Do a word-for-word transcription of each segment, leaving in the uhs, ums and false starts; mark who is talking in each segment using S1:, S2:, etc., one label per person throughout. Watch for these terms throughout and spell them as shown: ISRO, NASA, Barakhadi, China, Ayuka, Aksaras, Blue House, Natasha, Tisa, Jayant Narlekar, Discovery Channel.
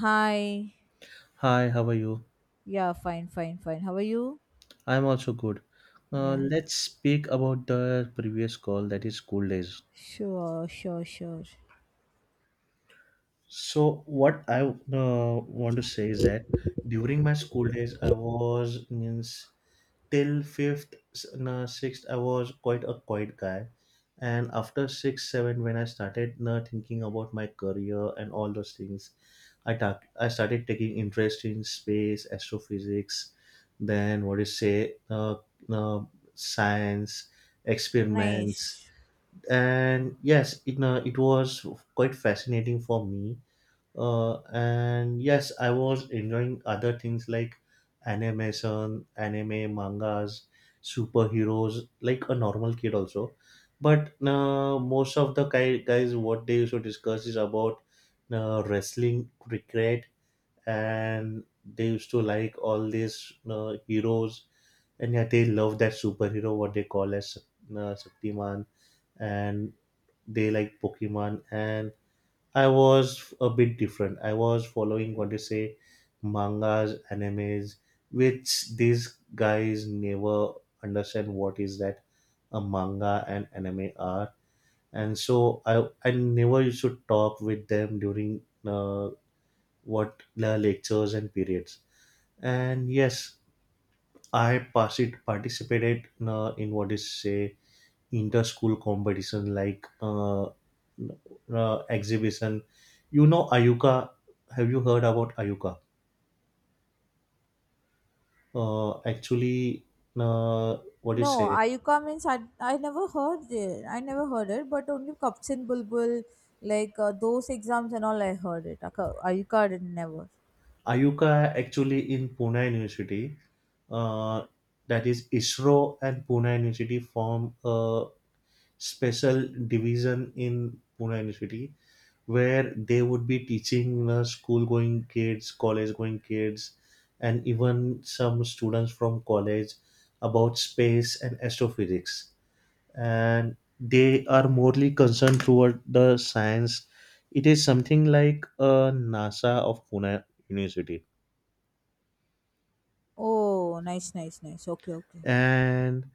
S1: Hi.
S2: Hi, how are you?
S1: Yeah, fine, fine, fine. How are you?
S2: I'm also good. Uh,
S1: Yeah.
S2: let's speak about the previous call that is school days.
S1: Sure, sure, sure.
S2: So, what I uh, want to say is that during my school days, I was means till fifth, s- no, sixth, I was quite a quiet guy, and after six, seven, when I started uh, thinking about my career and all those things, I talk, I started taking interest in space, astrophysics, then what do you say, uh, uh, science, experiments,
S1: Nice.
S2: and yes, it uh, it was quite fascinating for me. Uh, and yes, I was enjoying other things like animation, anime, mangas, superheroes, like a normal kid also. But uh, most of the guy, guys, what they used to discuss is about uh, wrestling, cricket, and they used to like all these uh, heroes, and yeah, they love that superhero what they call as uh, Shaktiman, and they like Pokemon. And I was a bit different. I was following what they say, mangas, animes, which these guys never understand what is that a manga and anime are. And so I I never used to talk with them during uh, what the lectures and periods. And yes, I pass it. Participated in, uh, in what is say inter-school competition like uh, uh, exhibition. You know Ayuka? Have you heard about Ayuka? Uh, actually, uh, what do you
S1: No,
S2: say,
S1: Ayuka means I, I never heard it. I never heard it, but only Cups and Bulbul, like uh, those exams and all, I heard it. Aka- Ayuka did never.
S2: Ayuka actually in Pune University, uh, that is ISRO and Pune University form a special division in Pune University where they would be teaching uh, school going kids, college going kids, and even some students from college about space and astrophysics. And they are morely concerned toward the science. It is something like a NASA of Pune University.
S1: Oh, nice, nice, nice. Okay, okay.
S2: And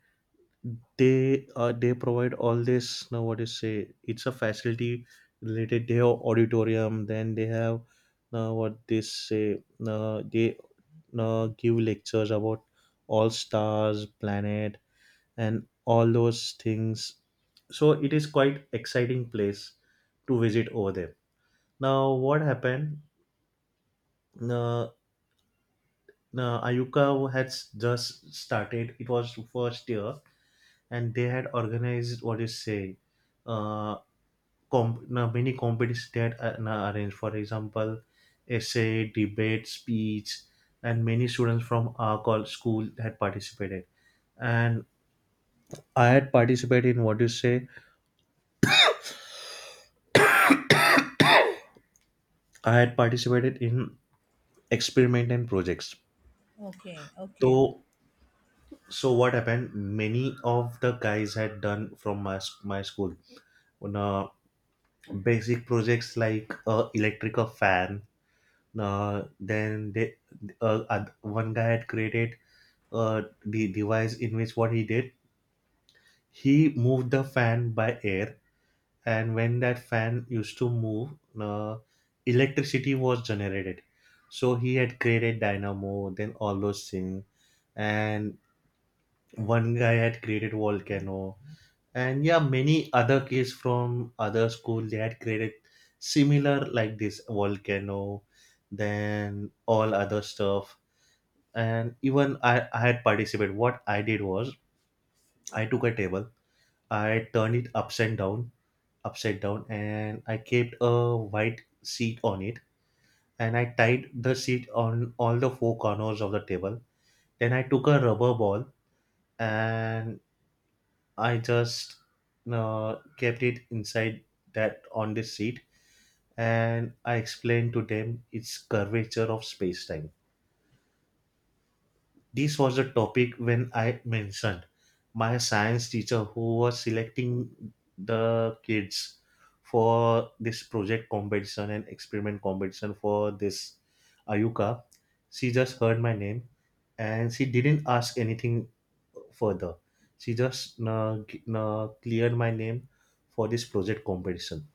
S2: they uh, they provide all this, now what is say, it's a facility related. They have auditorium, then they have, now what they say, now they uh, give lectures about all stars, planet, and all those things. So it is quite exciting place to visit over there. Now, what happened? Uh, uh, Ayuka has just started. It was first year, and they had organized, what you say, uh, comp- uh, many competitions they had uh, uh, arranged. For example, essay, debate, speech, and many students from our col- school had participated. And I had participated in, what you say, I had participated in experiment and projects.
S1: Okay, okay.
S2: So, so what happened? Many of the guys had done from my s- my school on, uh, basic projects like uh, electrical fan. Uh, then they uh, oth- one guy had created uh, the device in which what he did, he moved the fan by air, and when that fan used to move, uh, electricity was generated, so he had created dynamo, then all those things. And one guy had created volcano, and yeah, many other kids from other school they had created similar like this volcano, then all other stuff. And even i, I had participated. What I did was, I took a table, I turned it upside down upside down and I kept a white sheet on it, and I tied the sheet on all the four corners of the table. Then I took a rubber ball, and I just uh, kept it inside, that on this sheet, and I explained to them its curvature of space time. This was the topic when I mentioned my science teacher, who was selecting the kids for this project competition and experiment competition for this Ayuka. She just heard my name and she didn't ask anything further. She just uh, g- uh, cleared my name for this project competition.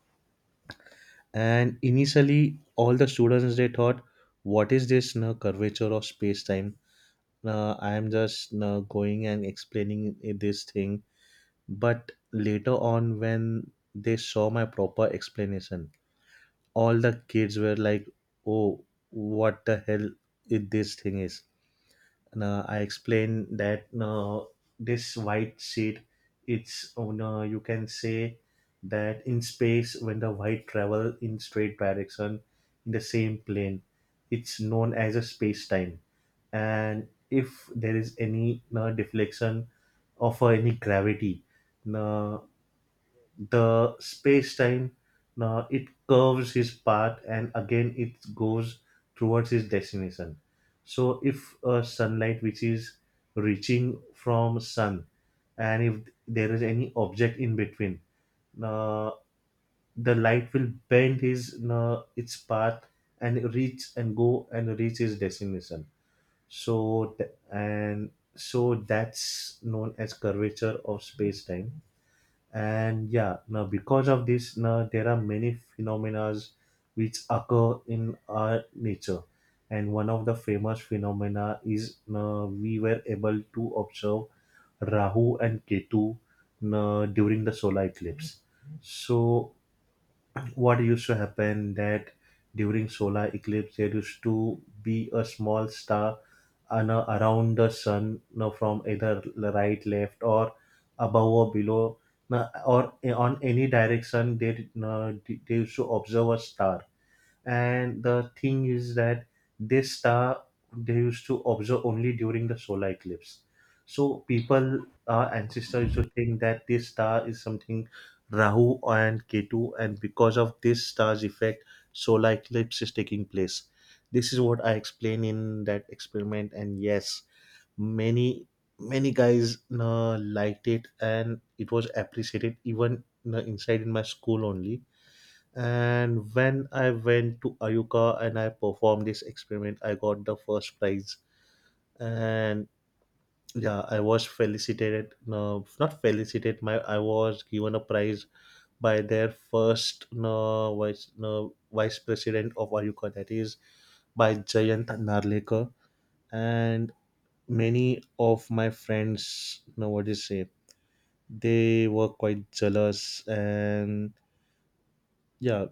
S2: And initially, all the students they thought, "What is this na curvature of space time?" uh, I am just uh, going and explaining i- this thing. But later on, when they saw my proper explanation, all the kids were like, "Oh, what the hell is this thing is?" uh, I explained that uh, this white sheet, it's, oh no, you can say that in space, when the white travel in straight direction in the same plane, it's known as a space time. And if there is any uh, deflection of uh, any gravity, uh, the space-time, uh, it curves his path and again it goes towards his destination. So if uh, sunlight which is reaching from sun, and if there is any object in between, uh, the light will bend his uh, its path, and reach, and go, and reach his destination. So th- and so that's known as curvature of space time. And yeah, now because of this, now there are many phenomena which occur in our nature, and one of the famous phenomena is, now we were able to observe Rahu and Ketu now during the solar eclipse. So what used to happen that, during solar eclipse, there used to be a small star an- around the sun, now from either right, left, or above, or below, now, or eh, on any direction, they, did- uh, they used to observe a star. And the thing is that, this star they used to observe only during the solar eclipse. So people, our ancestors, used to think that this star is something Rahu and Ketu, and because of this star's effect solar eclipse is taking place. This is what I explained in that experiment, and yes, many, many guys uh, liked it, and it was appreciated, even uh, inside in my school only. And when I went to Ayuka and I performed this experiment, I got the first prize. And yeah, I was felicitated. No, not felicitated. My I was given a prize by their first, no, vice, no, vice president of Ayuka, that is by Jayant Narlekar. And many of my friends, you know what do say, they were quite jealous, and yeah,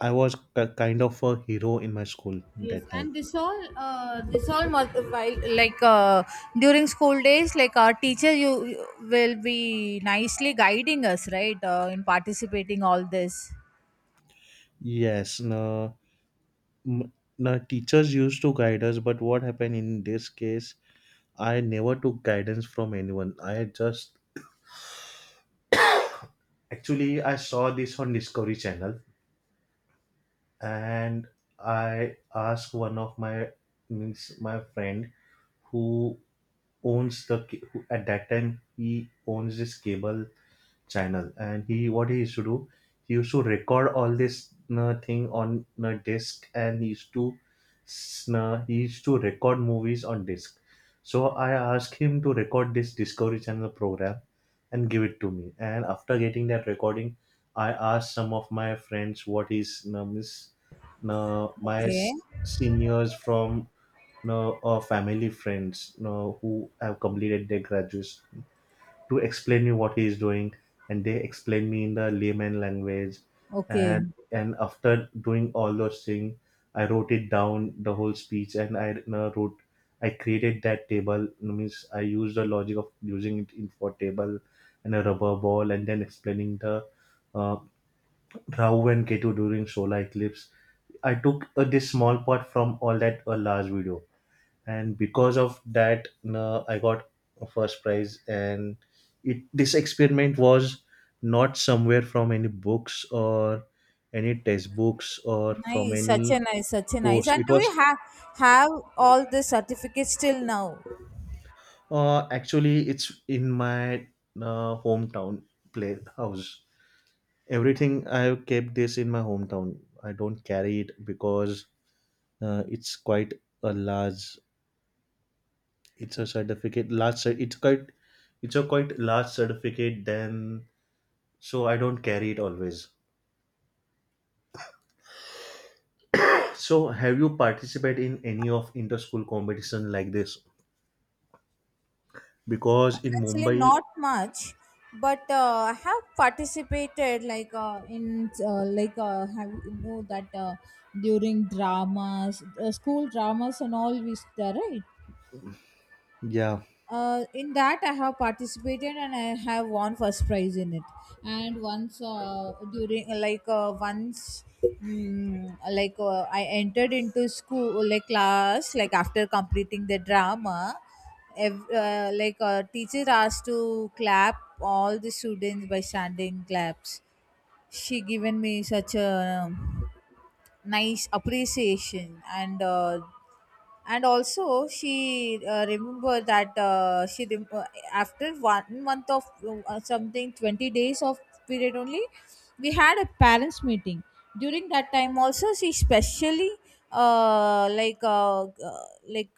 S2: I was k- kind of a hero in my school
S1: Yes,
S2: that time.
S1: and this all, uh, this all mul- while like uh, during school days, like our teacher, you, you will be nicely guiding us, right, uh, in participating all this.
S2: Yes, no, m- no teachers used to guide us, but what happened in this case, I never took guidance from anyone. I just Actually, I saw this on Discovery Channel, and I asked one of my, means my friend, who owns the ca- who- at that time he owns this cable channel, and he, what he used to do, he used to record all this uh, thing on a disc, and he used to s- uh, he used to record movies on disc. So I asked him to record this discovery channel program and give it to me, and after getting that recording, I asked some of my friends, what is uh, miss uh, my
S1: Okay.
S2: s- seniors from, uh, or family friends, uh, who have completed their graduation, to explain me what he is doing, and they explain me in the layman language.
S1: Okay.
S2: And and after doing all those things, I wrote it down the whole speech, and I uh, wrote I created that table, means I used the logic of using it in for table and a rubber ball, and then explaining the uh, Rahu and Ketu during solar eclipse. I took uh, this small part from all that a large video, and because of that, no, I got a first prize. And it this experiment was not somewhere from any books or any textbooks or from
S1: Nice. Such a
S2: any
S1: nice, such a nice.
S2: course.
S1: And
S2: It
S1: do you
S2: was
S1: have have all the certificates till now?
S2: uh, actually, it's in my uh, hometown playhouse. Everything I have kept this in my hometown. I don't carry it because uh, it's quite a large, it's a certificate, large cer- it's quite, it's a quite large certificate than, so I don't carry it always. So have you participated in any of inter-school competition like this? Because in
S1: Actually,
S2: Mumbai,
S1: not much, but uh, I have participated like uh, in uh, like uh, have you know that uh, during dramas, uh, school dramas and all. We there right?
S2: yeah,
S1: Uh, in that I have participated and I have won first prize in it. And once uh, during like uh, once mm, like uh, I entered into school like class like after completing the drama ev- uh, like uh, teacher asked to clap all the students by standing claps. She given me such a um, nice appreciation, and uh, and also she uh, remember that uh, she rem- uh, after one month of uh, something twenty days of period only we had a parents meeting. During that time also she specially uh, like uh, uh, like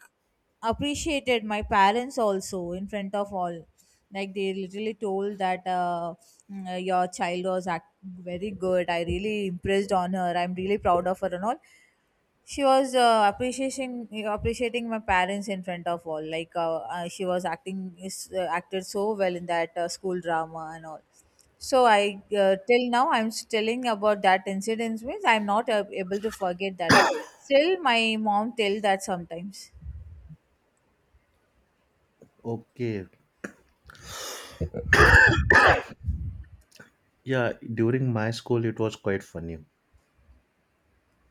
S1: appreciated my parents also in front of all. Like they literally told that uh, mm, your child was act- very good, I really impressed on her, I'm really proud of her and all. She was uh, appreciating appreciating my parents in front of all, like uh, uh, she was acting is uh, acted so well in that uh, school drama and all. So I uh, till now I'm telling about that incident, means I'm not uh, able to forget that. Still my mom tell that sometimes.
S2: okay, yeah, during my school it was quite funny.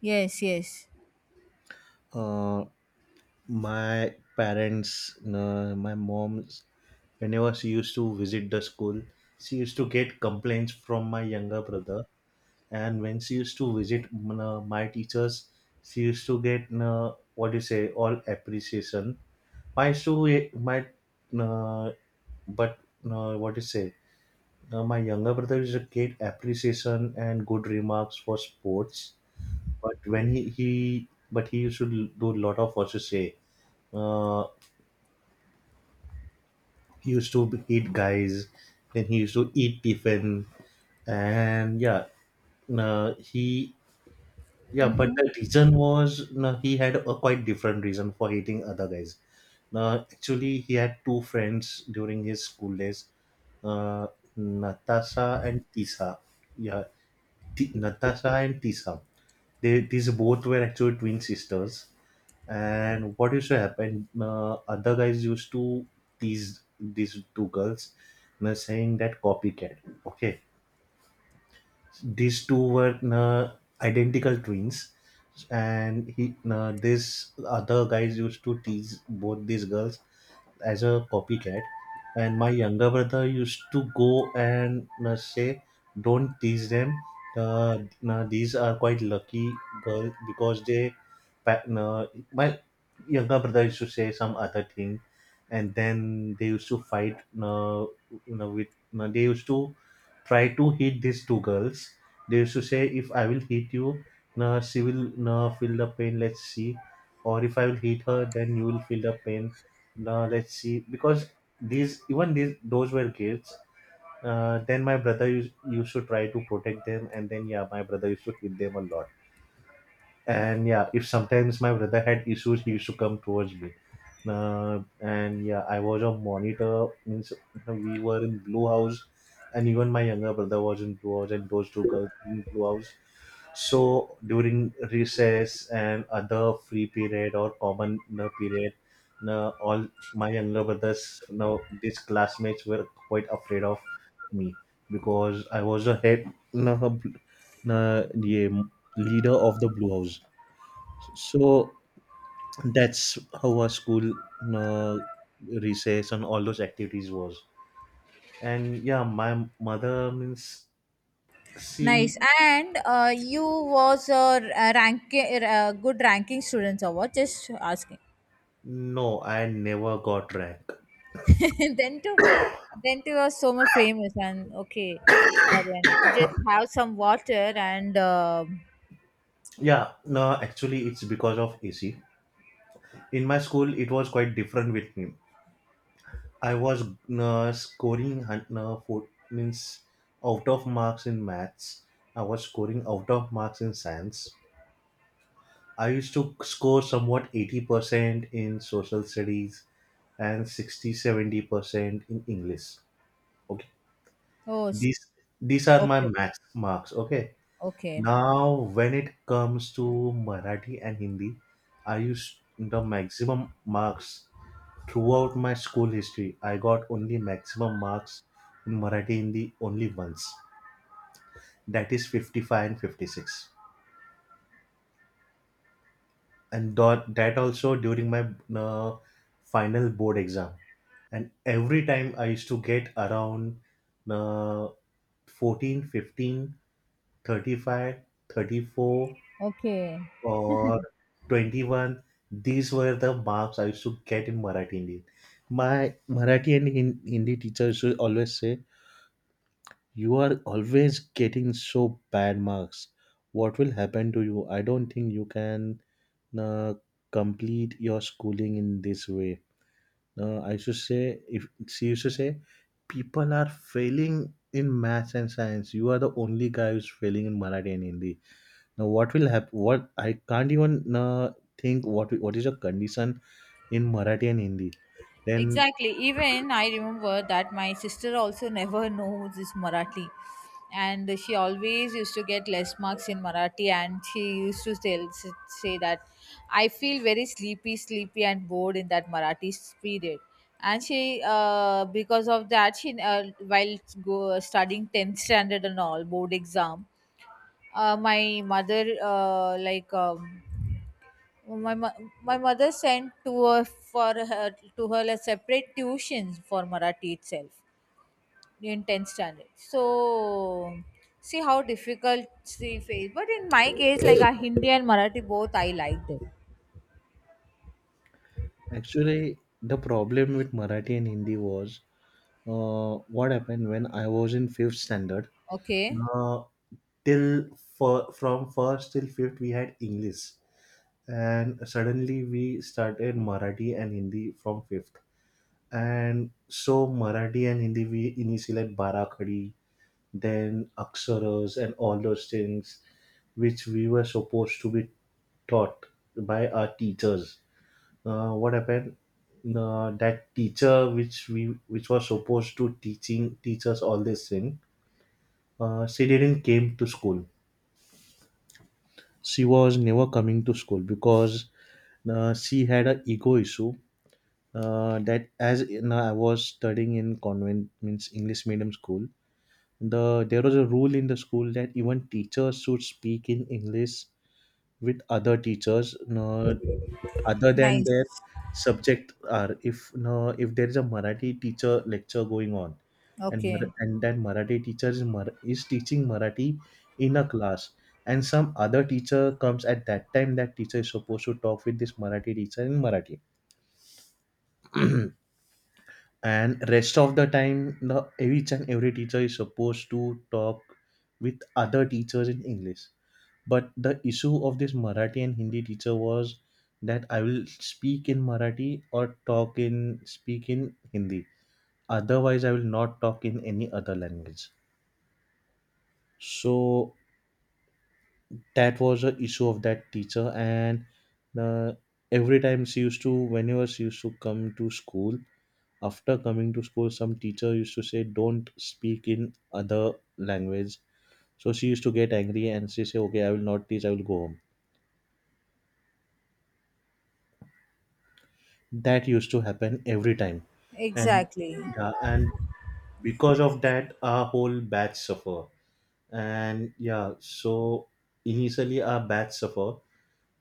S1: Yes, yes.
S2: Uh, my parents, uh, my mom, whenever she used to visit the school, she used to get complaints from my younger brother, and when she used to visit, mm, uh, my teachers, she used to get, mm, uh, what do you say, all appreciation. My, so my mm, uh, but, mm, uh, what do you say, uh, my younger brother used to get appreciation and good remarks for sports, but when he, he but he used to do a lot of what to say, uh, he used to hit guys, then he used to eat tiffin, and yeah, mm, uh, he yeah, but
S1: Mm-hmm.
S2: the reason was, no, he had a quite different reason for hating other guys. Uh, actually, he had two friends during his school days, uh, Natasha and Tisa. Yeah, T- Natasha and Tisa. They These both were actually twin sisters. And what used to happen? Uh, other guys used to tease these two girls, you know, saying that copycat. Okay, these two were uh, identical twins and he uh, this other guys used to tease both these girls as a copycat, and my younger brother used to go and uh, say don't tease them. uh, uh, these are quite lucky girl because they pa- uh, my younger brother used to say some other thing, and then they used to fight uh, you know, with uh, they used to try to hit these two girls. They used to say if I will hit you, uh, she will uh, feel the pain, let's see. Or if I will hit her, then you will feel the pain, now let's see, because these even these those were kids. Uh, then my brother used, used to try to protect them, and then yeah, my brother used to hit them a lot. And yeah, if sometimes my brother had issues, he used to come towards me. Uh, and yeah, I was a monitor. Means we were in Blue House, and even my younger brother was in Blue House, and those two girls in Blue House. So during recess and other free period or common uh, period, uh, all my younger brothers, now these classmates were quite afraid of me because I was a head, uh, bl- uh, yeah, leader of the Blue House. So that's how our school uh, recess and all those activities was. And yeah, my mother means,
S1: Nice.
S2: see,
S1: And uh, you was a r- a rank, a good ranking students award. Just asking.
S2: no, I never got rank.
S1: Then to then to was so much famous and okay, so then just have some water and um
S2: Yeah, no, actually, it's because of A C. In my school, it was quite different with me. I was uh, scoring hun- uh, four, means out of marks in maths. I was scoring out of marks in science. I used to score somewhat eighty percent in social studies and sixty seventy percent in English. Okay.
S1: Oh s-
S2: These these are my
S1: okay,
S2: max marks. Okay.
S1: okay,
S2: Now when it comes to Marathi and Hindi, I used the maximum marks throughout my school history. I got only maximum marks in Marathi Hindi only once. That is fifty five and fifty six. And that, that also during my uh, final board exam. And every time I used to get around uh, fourteen, fifteen, thirty five, thirty four,
S1: okay.
S2: or twenty one. These were the marks I used to get in Marathi and Hindi. My Marathi and Hin- hindi teachers would always say, you are always getting so bad marks. What will happen to you? I don't think you can uh, complete your schooling in this way. Uh, I should say, if she used to say, people are failing in maths and science. You are the only guy who's failing in Marathi and Hindi. Now, what will happen? What I can't even uh, think. What what is your condition in Marathi and Hindi? Then
S1: Exactly. Even I remember that my sister also never knows this Marathi. And she always used to get less marks in Marathi, and she used to tell, say that I feel very sleepy, sleepy, and bored in that Marathi period. And she, uh, because of that, she uh, while go studying tenth standard and all board exam, uh, my mother uh, like um, my mo- my mother sent to her for her to her like separate tuitions for Marathi itself in tenth standard. So see how difficult she faced. But in my case, like a Hindi and Marathi both, I liked it.
S2: actually, the problem with Marathi and Hindi was uh, what happened when I was in fifth standard.
S1: Okay,
S2: Uh, till for, from first till fifth we had English, and suddenly we started Marathi and Hindi from fifth. And so Marathi and Hindi we initially like Barakhadi, then Aksaras and all those things which we were supposed to be taught by our teachers. Uh, what happened? Uh, that teacher which we which was supposed to teaching teach us all this thing, uh, she didn't came to school. She was never coming to school because uh, she had a ego issue, uh, that as in, uh, I was studying in convent means English medium school. The there was a rule in the school that even teachers should speak in English with other teachers, no, other than their
S1: nice.
S2: subject. Are if no, if there is a Marathi teacher lecture going on, and
S1: Okay,
S2: Mar- and that Marathi teacher is Mar- is teaching Marathi in a class. And some other teacher comes at that time. That teacher is supposed to talk with this Marathi teacher in Marathi. And rest of the time the each and every teacher is supposed to talk with other teachers in English. But the issue of this Marathi and Hindi teacher was that, I will speak in Marathi or talk in speak in Hindi, otherwise I will not talk in any other language. So that was the issue of that teacher. And uh, every time she used to whenever she used to come to school, after coming to school some teacher used to say don't speak in other language. So she used to get angry and she say, okay, I will not teach, I will go home. That used to happen every time. And
S1: exactly.
S2: yeah, and because of that our whole batch suffer. And yeah, so initially our batch suffer,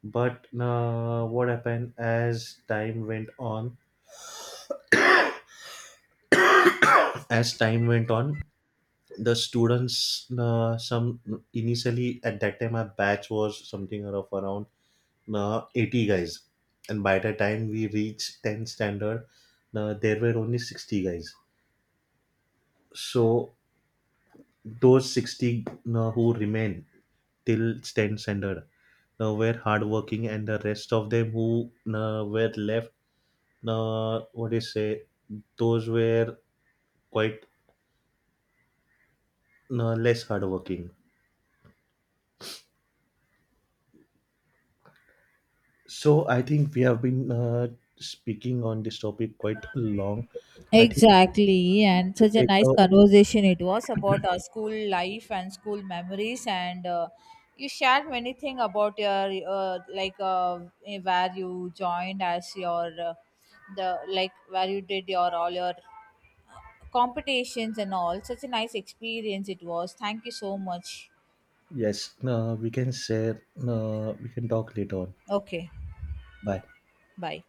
S2: but uh, what happened as time went on as time went on, the students, uh, some initially at that time our batch was something of around uh, eighty guys, and by the time we reached tenth standard, uh, there were only sixty guys. So those sixty uh, who remained till tenth standard uh, were hardworking, and the rest of them who uh, were left, uh, what do you say, those were quite uh, less hardworking. So I think we have been uh, speaking on this topic quite long. I think
S1: Exactly,
S2: we need
S1: and
S2: to
S1: such a
S2: take
S1: nice
S2: a,
S1: conversation it was about our school life and school memories, and uh, you shared many things about your uh, like uh, eh, where you joined as your uh, the like where you did your all your competitions and all. Such a nice experience it was. Thank you so much.
S2: yes. Uh, we can share. Uh, we can talk later on.
S1: Okay,
S2: Bye.
S1: bye.